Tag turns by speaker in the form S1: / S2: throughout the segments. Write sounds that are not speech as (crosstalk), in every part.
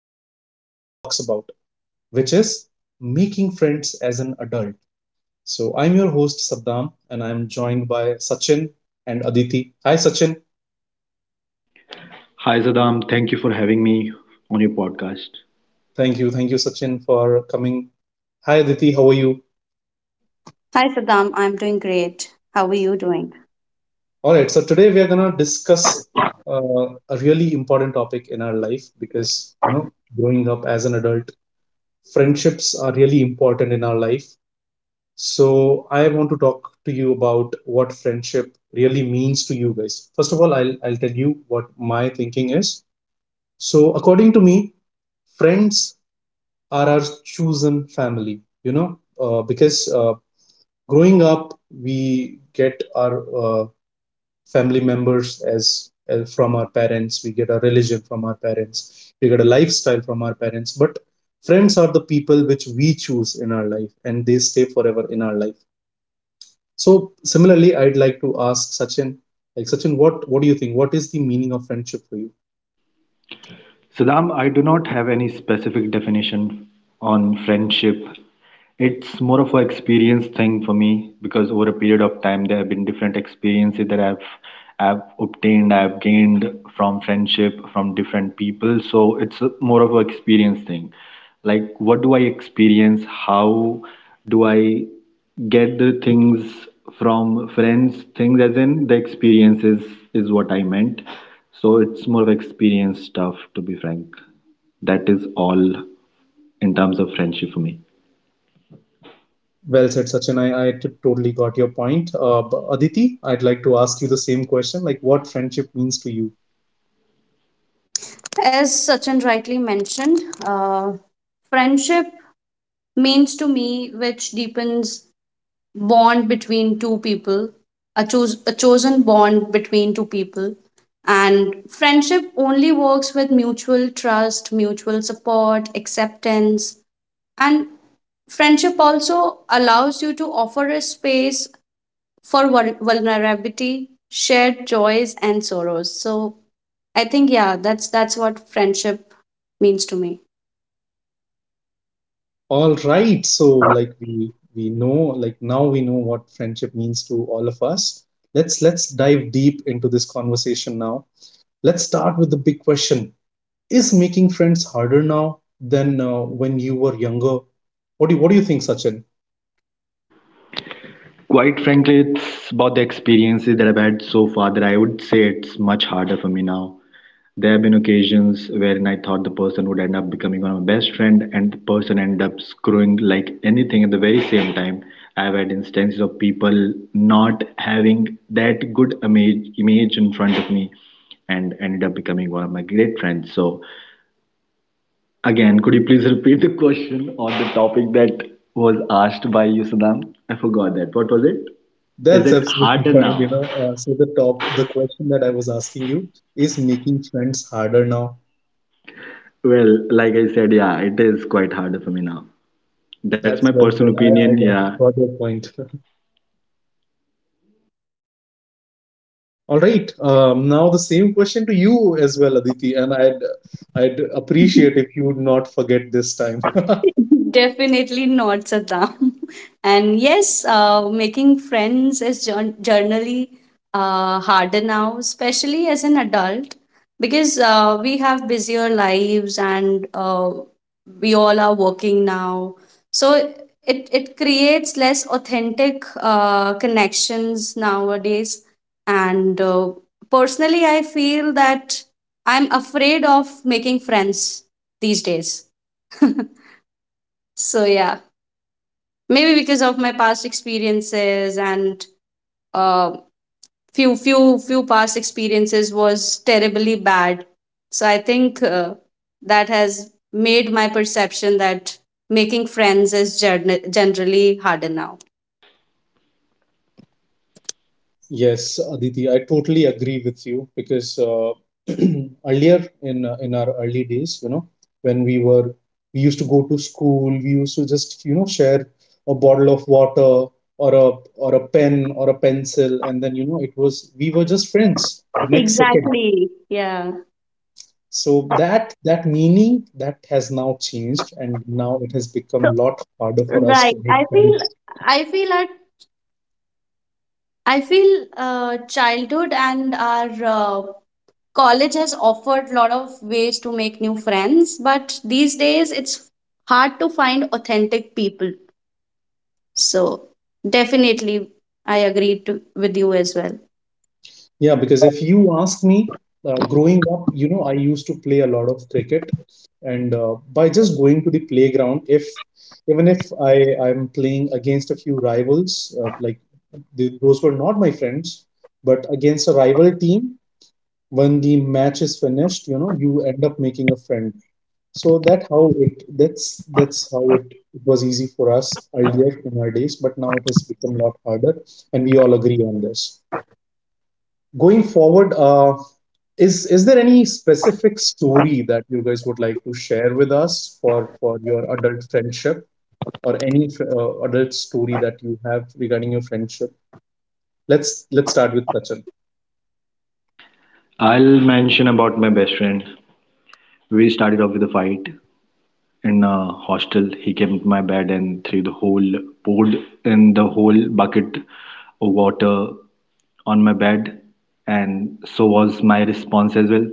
S1: but rarely talks about, which is making friends as an adult. So I'm your host Saddam, and I'm joined by Sachin and Aditi. Hi Sachin.
S2: Hi, Saddam. Thank you for having me on your podcast.
S1: Thank you. Thank you, Sachin, for coming. Hi Aditi, how are you?
S3: Hi Pradham, I'm doing great. How are you doing?
S1: All right, so today we are going to discuss a really important topic in our life, because you know, growing up as an adult, friendships are really important in our life. So I want to talk to you about what friendship really means to you guys. First of all, I'll tell you what my thinking is. So according to me, friends are our chosen family. You know, because growing up, we get our family members, as from our parents. We get our religion from our parents. We get a lifestyle from our parents. But friends are the people which we choose in our life, and they stay forever in our life. So similarly, I'd like to ask Sachin, like Sachin, what do you think? What is the meaning of friendship for you?
S2: Saddam, I do not have any specific definition on friendship. It's more of an experience thing for me because over a period of time, there have been different experiences that I've obtained, I've gained from friendship from different people. So more of an experience thing. Like, what do I experience? How do I? Get the things from friends. Things as in the experiences is what I meant. So it's more of experience stuff, to be frank. That is all in terms of friendship for me.
S1: Well said, Sachin. I totally got your point. Aditi, I'd like to ask you the same question, like what friendship means to you.
S3: As Sachin rightly mentioned, uh, friendship means to me which deepens bond between two people, a chosen bond between two people. And friendship only works with mutual trust, mutual support, acceptance. And friendship also allows you to offer a space for vulnerability, shared joys, and sorrows. So, I think yeah, that's what friendship means to me.
S1: All right, so like we know, like now we know what friendship means to all of us. Let's dive deep into this conversation now. Let's start with the big question: is making friends harder now than when you were younger? What do you think, Sachin?
S2: Quite frankly, it's about the experiences that I've had so far that I would say it's much harder for me now. There have been occasions wherein I thought the person would end up becoming one of my best friend and the person end up screwing like anything at the very same time. I've had instances of people not having that good image, in front of me and ended up becoming one of my great friends. So again, could you please repeat the question or the topic that was asked by you, Saddam? I forgot that. What was it? Is
S1: That's
S2: it
S1: absolutely
S2: harder
S1: fine, you
S2: now?
S1: know. So the question that I was asking you is making friends harder now.
S2: Well, like I said, yeah, it is quite harder for me now. That's my
S1: That's well
S2: personal
S1: said.
S2: opinion.
S1: I got your point. (laughs) All right. Now the same question to you as well, Aditi, and I'd appreciate if you would not forget this time. (laughs)
S3: Definitely not, Saddam. (laughs) And yes, making friends is generally harder now, especially as an adult, because we have busier lives, and we all are working now. So it creates less authentic connections nowadays. And personally, I feel that I'm afraid of making friends these days. (laughs) So, yeah, maybe because of my past experiences, and uh, few past experiences was terribly bad. So I think that has made my perception that making friends is generally harder now.
S1: Yes, Aditi, I totally agree with you because (clears throat) earlier in our early days, you know, when we used to go to school, we used to just, you know, share a bottle of water, or a or a pen, or a pencil, and then you know it was we were just friends the next second.
S3: Exactly. Yeah.
S1: So that meaning that has now changed, and now it has
S3: So
S1: become a lot harder for us
S3: right,
S1: to make friends.
S3: i feel at I feel childhood and our college has offered a lot of ways to make new friends, but these days it's hard to find authentic people. So definitely I agree to, with you as well.
S1: Yeah, because if you ask me, growing up, you know, I used to play a lot of cricket, and by just going to the playground, if even if I'm playing against a few rivals, like th those were not my friends, but against a rival team, when the match is finished, you know, you end up making a friend. So that's how it was easy for us earlier in our days, but now it has become a lot harder, and we all agree on this. Going forward, is there any specific story that you guys would like to share with us for your adult friendship, or any adult story that you have regarding your friendship? Let's start with Sachin.
S2: I'll mention about my best friend. We started off with a fight in a hostel. He came to my bed and threw the whole poured in the whole bucket of water on my bed, and so was my response as well.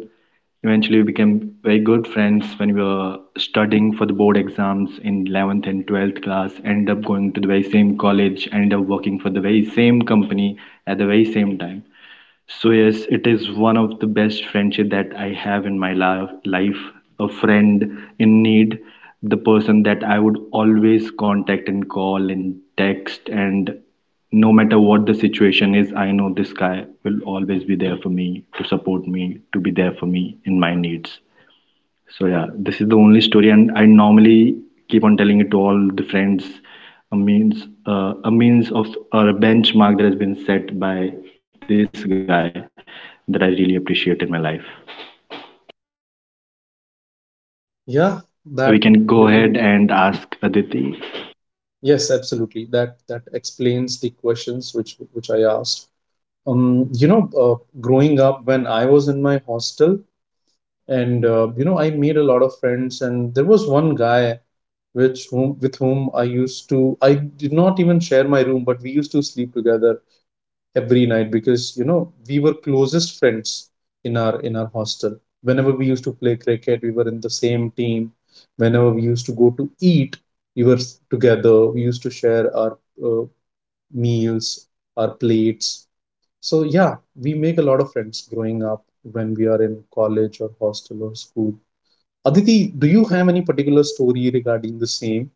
S2: Eventually, we became very good friends when we were studying for the board exams in 11th and 12th class. Ended up going to the very same college, ended up working for the very same company at the very same time. So yes, it is one of the best friendship that I have in my life. A friend in need, the person that I would always contact and call and text and no matter what the situation is, I know this guy will always be there for me, to support me, to be there for me in my needs. So yeah, this is the only story, and I normally keep on telling it to all the friends. A means of or a benchmark that has been set by this guy that I really appreciate in my life.
S1: Yeah, that
S2: We can go ahead
S1: really-
S2: and ask Aditi.
S1: yes, absolutely. That explains the questions which I asked. Growing up, when I was in my hostel, and I made a lot of friends, and there was one guy which whom with whom I used to I did not even share my room, but we used to sleep together every night, because you know we were closest friends in our hostel. Whenever we used to play cricket, we were in the same team. Whenever we used to go to eat, we were together. We used to share our meals, our plates. So yeah, we make a lot of friends growing up when we are in college or hostel or school. Aditi, do you have any particular story regarding the same?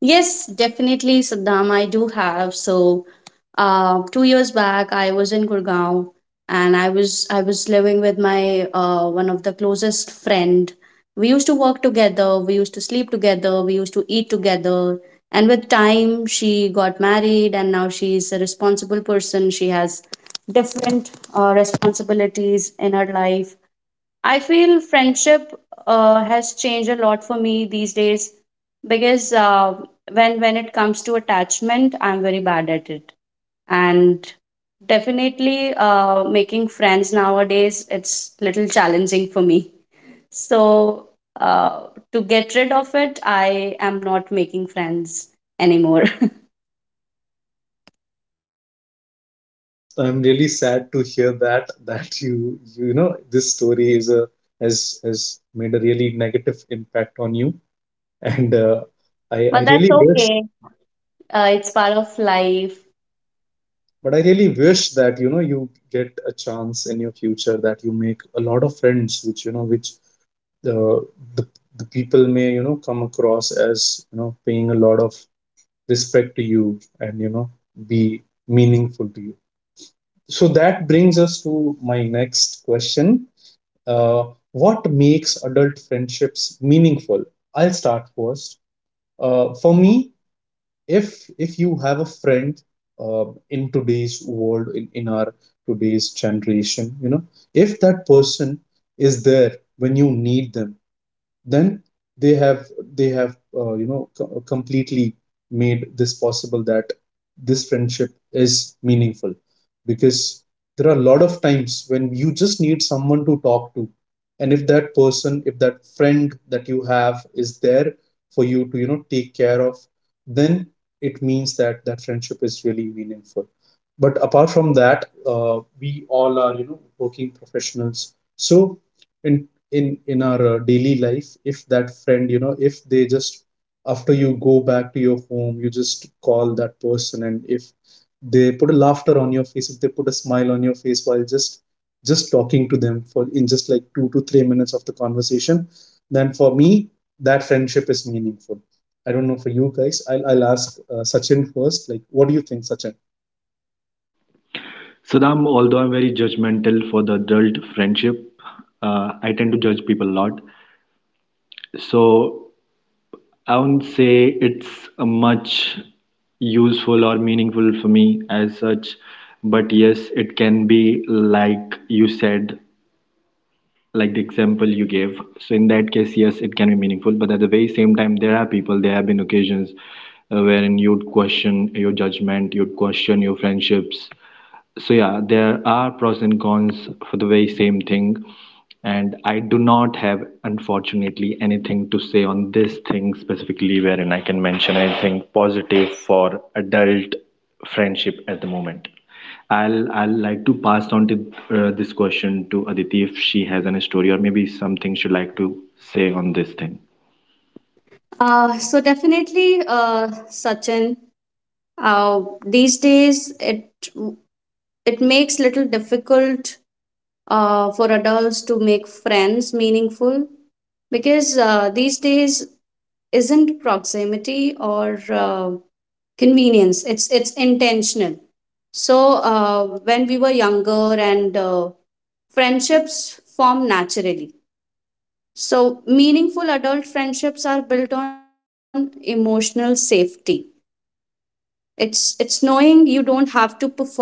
S3: Yes, definitely, Saddam. I do have. So, 2 years back, I was in Gurgaon, and I was living with my one of the closest friend. We used to work together. We used to sleep together. We used to eat together. And with time, she got married, and now she's a responsible person. She has different responsibilities in her life. I feel friendship has changed a lot for me these days, because when it comes to attachment, I'm very bad at it, and definitely making friends nowadays it's little challenging for me. So to get rid of it, I am not making friends anymore. (laughs)
S1: I'm really sad to hear that this story is a has made a really negative impact on you, and I I
S3: But that's
S1: really wish
S3: okay. It's part of life.
S1: I really wish that you know you get a chance in your future, that you make a lot of friends which you know which uh, the the people may, you know, come across as, you know, paying a lot of respect to you, and, you know, be meaningful to you. So that brings us to my next question. Uh, what makes adult friendships meaningful? I'll start first. For me, if you have a friend in today's world, in our today's generation, you know, if that person is there when you need them, then they have they have completely made this possible, that this friendship is meaningful, because there are a lot of times when you just need someone to talk to, and if that friend that you have is there for you to, you know, take care of, then it means that friendship is really meaningful. But apart from that, we all are, you know, working professionals, so in in our daily life, if that friend you know if they just, after you go back to your home, you just call that person, and if they put a laughter on your face, if they put a smile on your face, while just talking to them for, in just like 2 to 3 minutes of the conversation, then for me that friendship is meaningful. I don't know for you guys. I'll ask Sachin first, like what do you think, Sachin?
S2: Saddam, although I'm very judgmental for the adult friendship, I tend to judge people a lot. So I wouldn't say it's much useful or meaningful for me as such, but yes, it can be like you said, like the example you gave, so in that case, yes, it can be meaningful, but at the very same time there are people, there have been occasions wherein you'd question your judgment, you'd question your friendships. So yeah, there are pros and cons for the very same thing, and I do not have, unfortunately, anything to say on this thing specifically wherein I can mention anything positive for adult friendship at the moment. I'll like to pass on to this question to Aditi if she has any story or maybe something she'd like to say on this thing.
S3: So definitely, Sachin, these days it makes little difficult for adults to make friends meaningful, because these days isn't proximity or convenience, it's intentional. So when we were younger and friendships form naturally, so meaningful adult friendships are built on emotional safety. It's knowing you don't have to perform.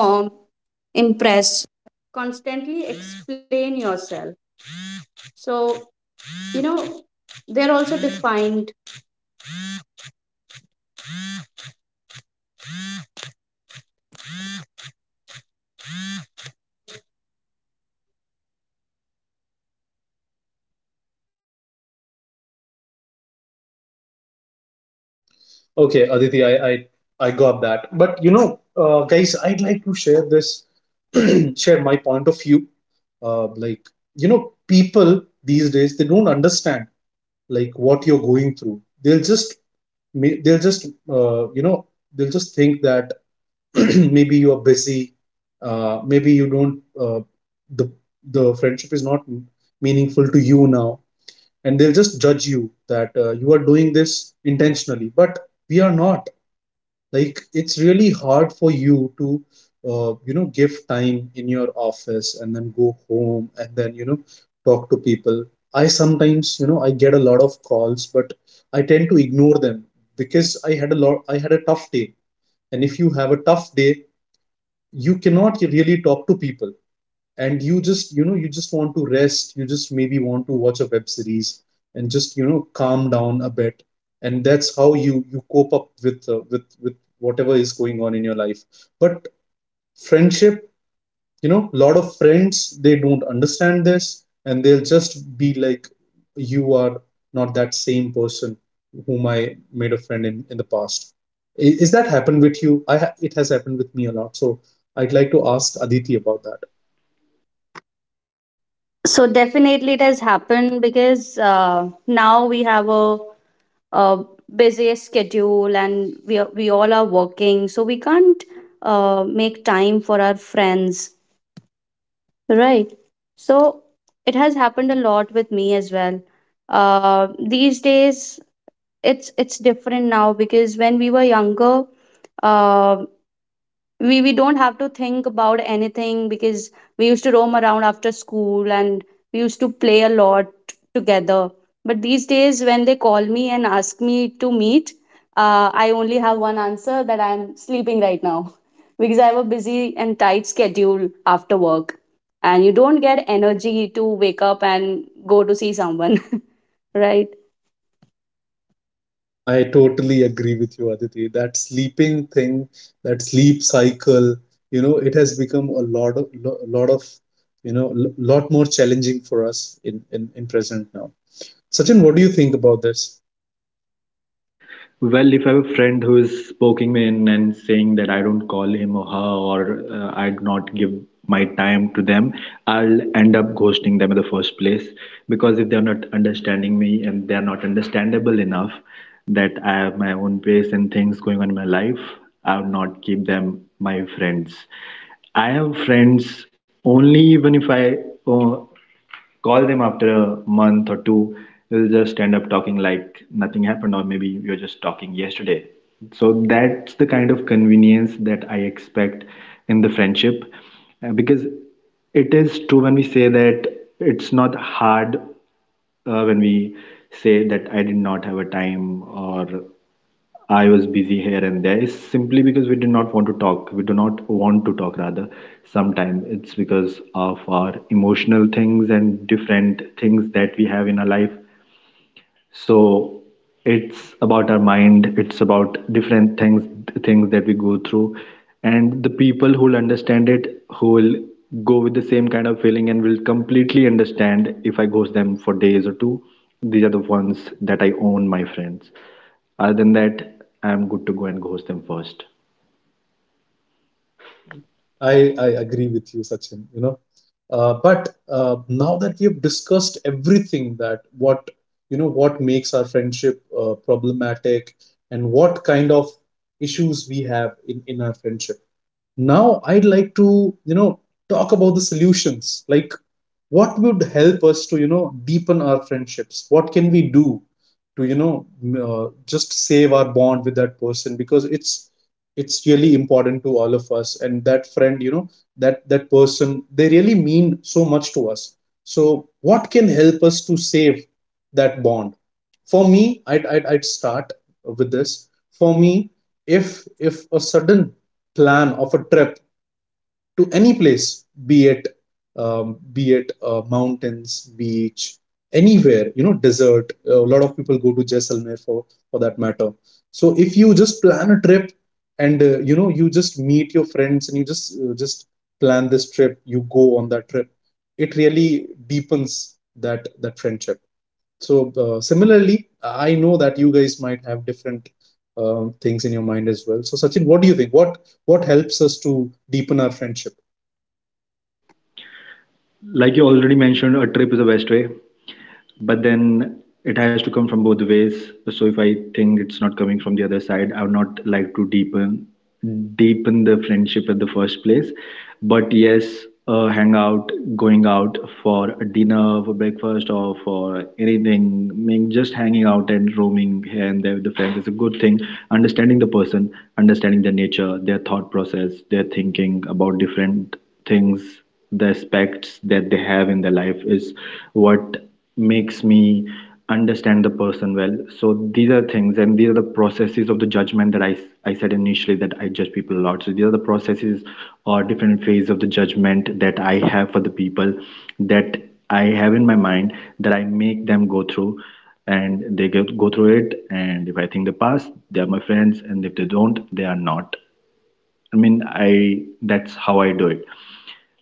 S1: Okay, Aditi, I got that. But guys, I'd like to share this, (clears throat) share my point of view. Like, you know, people these days, they don't understand like what you're going through. They'll just ma- they'll just you know They'll just think that (clears throat) maybe you are busy, maybe you don't the the friendship is not meaningful to you now, and they'll just judge you, that you are doing this intentionally. But we are not. Like, it's really hard for you to, give time in your office, and then go home, and then you know talk to people. I sometimes you know i get a lot of calls, but I tend to ignore them, because I had a tough day. And if you have a tough day, you cannot really talk to people, and you just want to rest. You just maybe want to watch a web series, and just calm down a bit. And that's how you cope up with with whatever is going on in your life. But friendship, you know, a lot of friends, they don't understand this, and they'll just be like, you are not that same person whom I made a friend in the past. Is that happened with you? It has happened with me a lot, so I'd like to ask Aditi about that.
S3: So definitely it has happened, because now we have a busy schedule, and we all are working, so we can't make time for our friends, right? So it has happened a lot with me as well. These days it's different now, because when we were younger, uh, we don't have to think about anything because we used to roam around after school, and we used to play a lot together. But these days when they call me and ask me to meet, I only have one answer, that I'm sleeping right now. (laughs) Because I have a busy and tight schedule after work, and you don't get energy to wake up and go to see someone. (laughs) Right.
S1: I totally agree with you, Aditi. That sleeping thing, that sleep cycle, you know, it has become a lot of lo- lot of you know l- lot more challenging for us in present now. Sachin, what do you think about this?
S2: Well, if I have a friend who is poking me in and saying that I don't call him or her or I'd not give my time to them, I'll end up ghosting them in the first place because if they're not understanding me and they're not understandable enough that I have my own pace and things going on in my life, I would not keep them my friends. I have friends only even if I uh, call them after a month or two, they'll just end up talking like nothing happened, or maybe you're just talking yesterday. So that's the kind of convenience that I expect in the friendship. Because it is true when we say that it's not hard when we say that I did not have a time or I was busy here and there. It's simply because we did not want to talk. We do not want to talk, rather. Sometimes it's because of our emotional things and different things that we have in our life, so it's about our mind, it's about different things, things that we go through, and the people who'll understand it, who will go with the same kind of feeling and will completely understand if I ghost them for days or two, these are the ones that I own my friends. Other than that, I'm good to go and ghost them first.
S1: I agree with you, Sachin. But now that we have discussed everything, that what you know what makes our friendship problematic, and what kind of issues we have in our friendship. Now, I'd like to, you know, talk about the solutions. Like, what would help us to, you know, deepen our friendships? What can we do to, just save our bond with that person, because it's really important to all of us, and that friend, you know, that person, they really mean so much to us. So what can help us to save that bond? For me, I'd start with this. For me, if a sudden plan of a trip to any place, be it, be it, mountains, beach, anywhere, you know, desert. A lot of people go to Jaisalmer, for that matter. So if you just plan a trip, and you just meet your friends, and you just plan this trip, you go on that trip. It really deepens that friendship. So, similarly, I know that you guys might have different things in your mind as well. So Sachin, what do you think? What helps us to deepen our friendship?
S2: Like you already mentioned, a trip is the best way, but then it has to come from both ways, so if I think it's not coming from the other side, I would not like to deepen the friendship at the first place. But yes, hang out, going out for a dinner, for breakfast, or for anything, I mean, just hanging out and roaming here and there with the friends is a good thing. Understanding the person, understanding their nature, their thought process, their thinking about different things, the aspects that they have in their life is what makes me understand the person well. So these are things, and these are the processes of the judgment that I said initially that I judge people a lot, so these are the processes or different phase of the judgment that I have for the people that I have in my mind, that I make them go through, and they go through it, and if I think they pass, they are my friends, and if they don't, they are not. I mean, I, that's how I do it.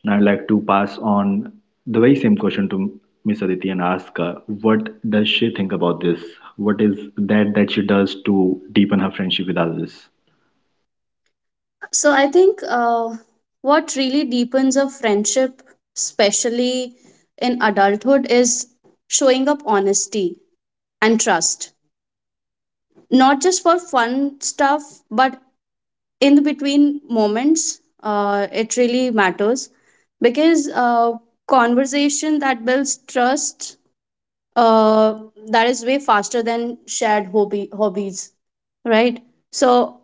S2: Now, I'd like to pass on the very same question to Miss Aditi and ask her, what does she think about this? What is that that she does to deepen her friendship with others?
S3: So I think what really deepens a friendship, especially in adulthood, is showing up honesty and trust. Not just for fun stuff, but in the between moments, it really matters, because conversation that builds trust, uh, that is way faster than shared hobby hobbies, right? So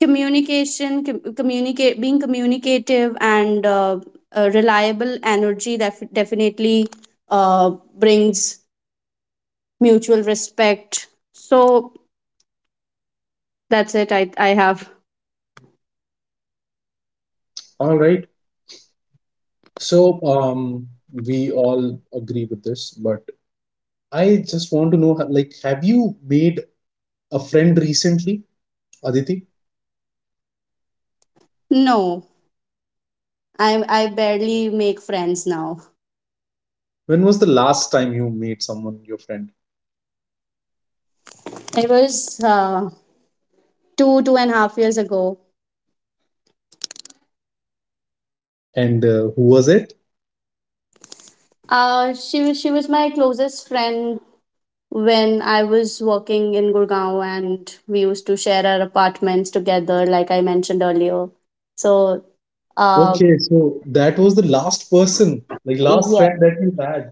S3: communication com- communicate being communicative and reliable energy, that definitely uh, brings mutual respect. So that's it. I have.
S1: All right. We all agree with this, but I just want to know, like, have you made a friend recently, Aditi?
S3: No, i I barely make friends now.
S1: When was the last time you made someone your friend,
S3: It was uh, 2.5 years ago.
S1: and who was it?
S3: She was my closest friend when I was working in Gurgaon, and we used to share our apartments together, like I mentioned earlier. So, uh.
S1: Okay, so that was the last person, like last
S3: Yeah.
S1: friend that you had.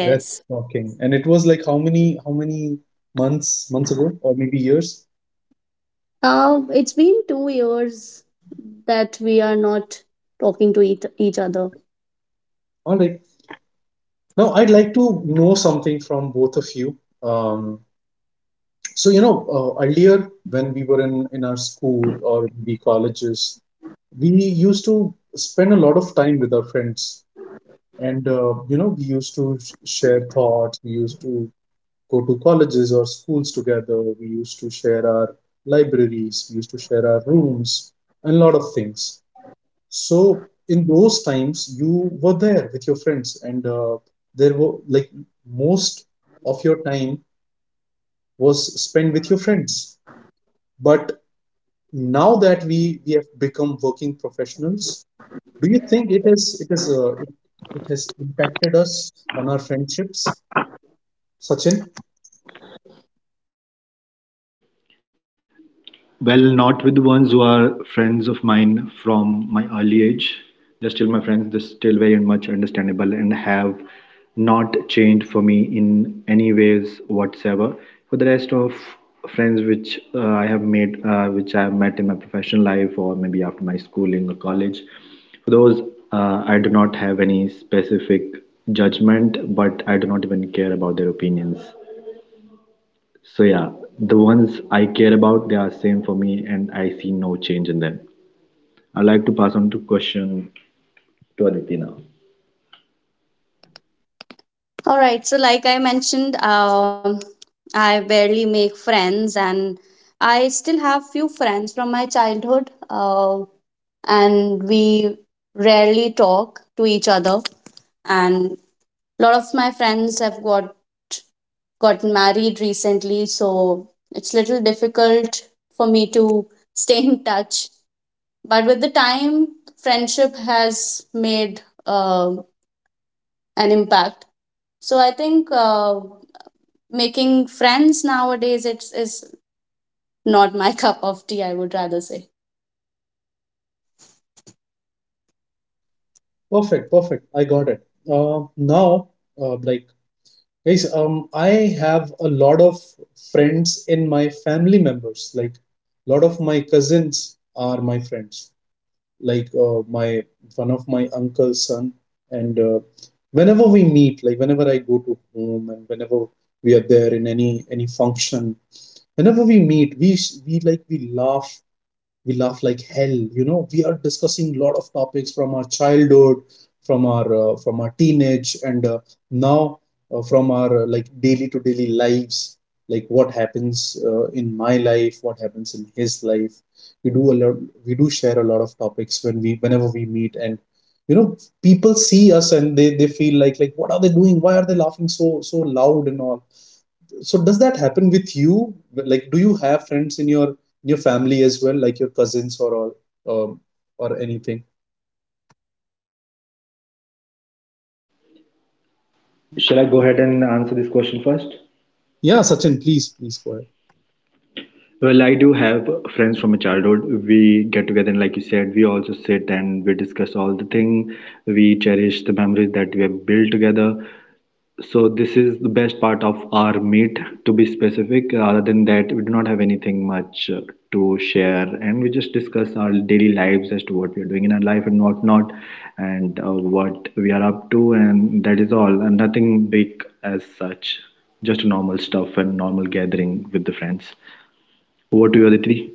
S1: That's shocking. And it was like how many months ago or maybe years?
S3: It's been 2 years that we are not talking to each other.
S1: All right. Now I'd like to know something from both of you. Um, so you know, earlier when we were in our school or the colleges, we used to spend a lot of time with our friends, and you know, we used to share thoughts. We used to go to colleges or schools together. We used to share our libraries, we used to share our rooms, and a lot of things. So, in those times, you were there with your friends, and there were like most of your time was spent with your friends. But now that we have become working professionals, do you think it has impacted us on our friendships, Sachin?
S2: Well, not with the ones who are friends of mine from my early age. They're still my friends. They're still very much understandable and have not changed for me in any ways whatsoever. For the rest of friends which I have made, which I have met in my professional life or maybe after my schooling or college, for those I do not have any specific judgment, but I do not even care about their opinions. So yeah, the ones I care about, they are same for me, and I see no change in them. I'd like to pass on to question to Aditi now.
S3: All right. So, like I mentioned, I barely make friends, and I still have few friends from my childhood. And we rarely talk to each other. And a lot of my friends have got married recently, so it's little difficult for me to (laughs) stay in touch. But with the time, friendship has made uh, an impact. So I think making friends nowadays it's is not my (laughs) cup of tea, I would rather say.
S1: Perfect, perfect. I got it. Now, like, guys, I have a lot of friends in my family members. Like, a lot of my cousins are my friends. Like, my one of my uncle's son. And whenever we meet, like, whenever I go to home and whenever we are there in any function, whenever we meet, we like we laugh like hell, you know, we are discussing a lot of topics from our childhood, from our teenage, and now from our like daily to daily lives, like what happens in my life, what happens in his life. We do a lot, we do share a lot of topics when we whenever we meet. And you know, people see us and they feel like what are they doing, why are they laughing so loud and all. So does that happen with you? Like, do you have friends in your family as well, like your cousins or all, um, or anything?
S2: Shall I go ahead and answer this question first?
S1: Yeah, Sachin, please, please go ahead.
S2: Well, I do have friends from my childhood. We get together, and like you said, we also sit and we discuss all the thing. We cherish the memories that we have built together. So this is the best part of our meet, to be specific. Other than that, we do not have anything much to share, and we just discuss our daily lives as to what we are doing in our life and what not, and what we are up to, and that is all. And nothing big as such, just normal stuff and normal gathering with the friends. Over to you, Aditi.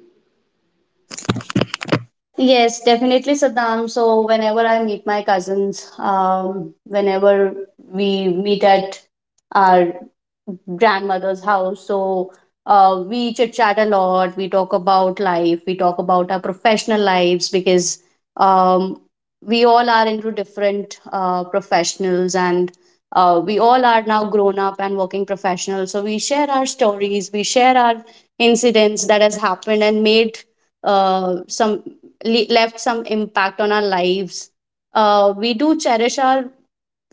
S3: Yes, definitely, Saddam. So whenever I meet my cousins, whenever we meet at our grandmother's house. So we chit chat a lot. We talk about life. We talk about our professional lives, because um, we all are into different professionals, and we all are now grown up and working professionals. So we share our stories. We share our incidents that has happened and made some left some impact on our lives. We do cherish our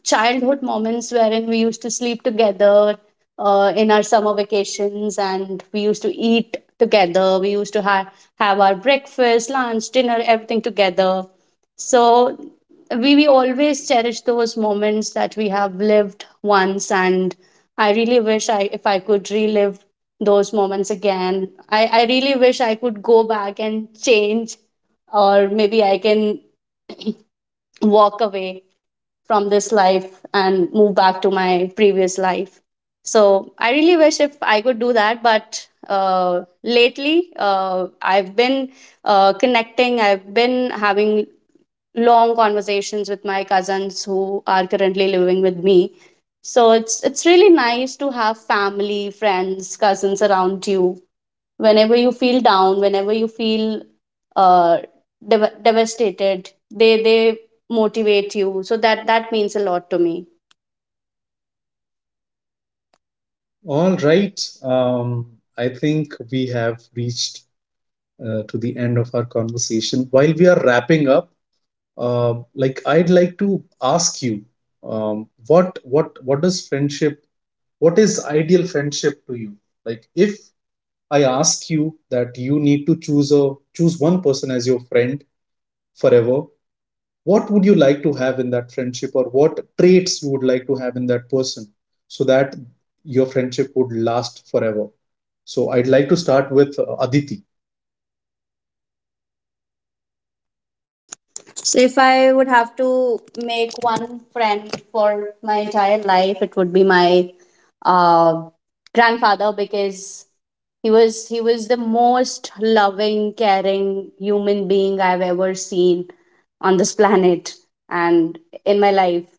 S3: childhood moments wherein we used to sleep together in our summer vacations, and we used to eat together. We used to have our breakfast, lunch, dinner, everything together. So we always cherish those moments that we have lived once, and I really wish I if I could relive those moments again. I really wish I could go back and change, or maybe I can walk away from this life and move back to my previous life. So I really wish if I could do that, but lately I've been connecting, I've been having long conversations with my cousins who are currently living with me. So it's really nice to have family, friends, cousins around you whenever you feel down, whenever you feel uh, devastated. They motivate you, so that means a lot to me.
S1: All right. I think we have reached to the end of our conversation. While we are wrapping up, um, like I'd like to ask you, what does friendship? What is ideal friendship to you? Like, if I ask you that you need to choose one person as your friend forever, what would you like to have in that friendship, or what traits you would like to have in that person so that your friendship would last forever? So I'd like to start with Aditi.
S3: So if I would have to make one friend for my entire life, it would be my uh, grandfather, because he was the most loving, caring human being I've ever seen on this planet and in my life.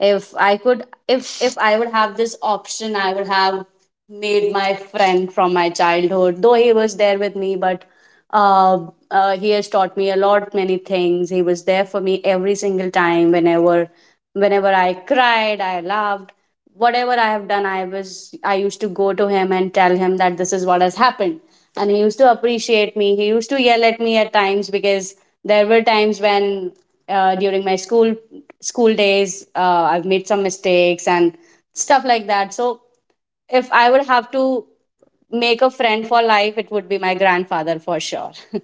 S3: If I would have this option, I would have made my friend from my childhood. Though he was there with me, but uh, he has taught me a lot many things. He was there for me every single time, whenever I cried, I laughed, whatever I have done. I used to go to him and tell him that this is what has happened. And he used to appreciate me. He used to yell at me at times, because there were times when during my school days, I've made some mistakes and stuff like that. So if I would have to make a friend for life, it would be my grandfather for sure. (laughs)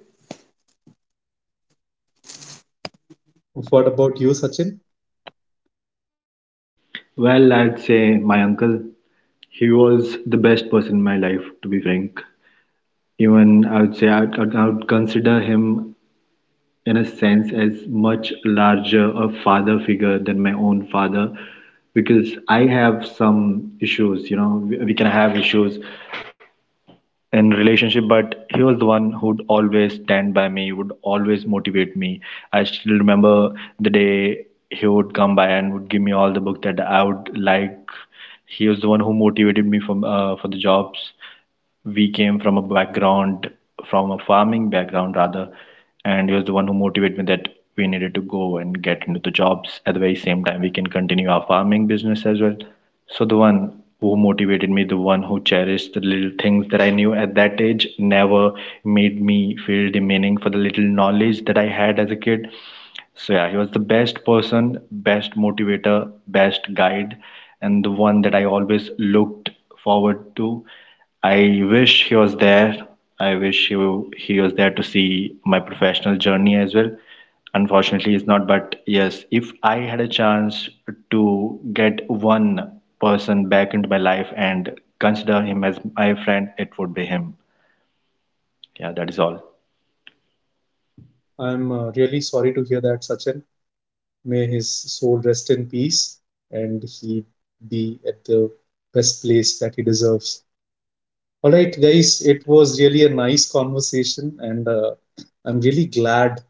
S1: What about you, Sachin?
S2: Well, I'd say my uncle. He was the best person in my life, to be frank. Even I would say I'd consider him in a sense as much larger a father figure than my own father, because I have some issues, you know, we can have issues in relationship, but he was the one who'd always stand by me, would always motivate me. I still remember the day he would come by and would give me all the book that I would like. He was the one who motivated me from for the jobs. We came from a background, from a farming background rather, and he was the one who motivated me that we needed to go and get into the jobs. At the very same time, we can continue our farming business as well. So the one who motivated me, the one who cherished the little things that I knew at that age, never made me feel demeaning for the little knowledge that I had as a kid. So yeah, he was the best person, best motivator, best guide, and the one that I always looked forward to. I wish he was there. I wish he was there to see my professional journey as well. Unfortunately, he's not. But yes, if I had a chance to get one person back into my life and consider him as my friend, it would be him. Yeah, that is all.
S1: I'm really sorry to hear that, Sachin. May his soul rest in peace and he be at the best place that he deserves. All right, guys, it was really a nice conversation, and I'm really glad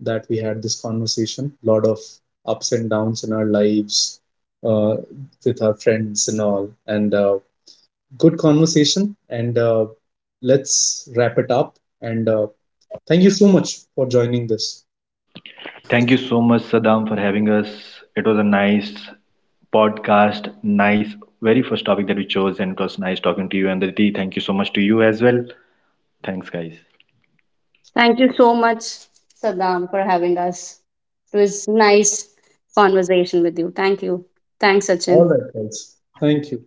S1: that we had this conversation. A lot of ups and downs in our lives uh, with our friends and all, and good conversation. And let's wrap it up. And thank you so much for joining this.
S2: Thank you so much, Saddam, for having us. It was a nice podcast, nice very first topic that we chose, and it was nice talking to you, and Aditi. Thank you so much to you as well. Thanks, guys.
S3: Thank you so much, Saddam, for having us. It was nice conversation with you. Thank you. Thanks,
S1: All
S3: Sachin.
S1: right, guys. Thank you.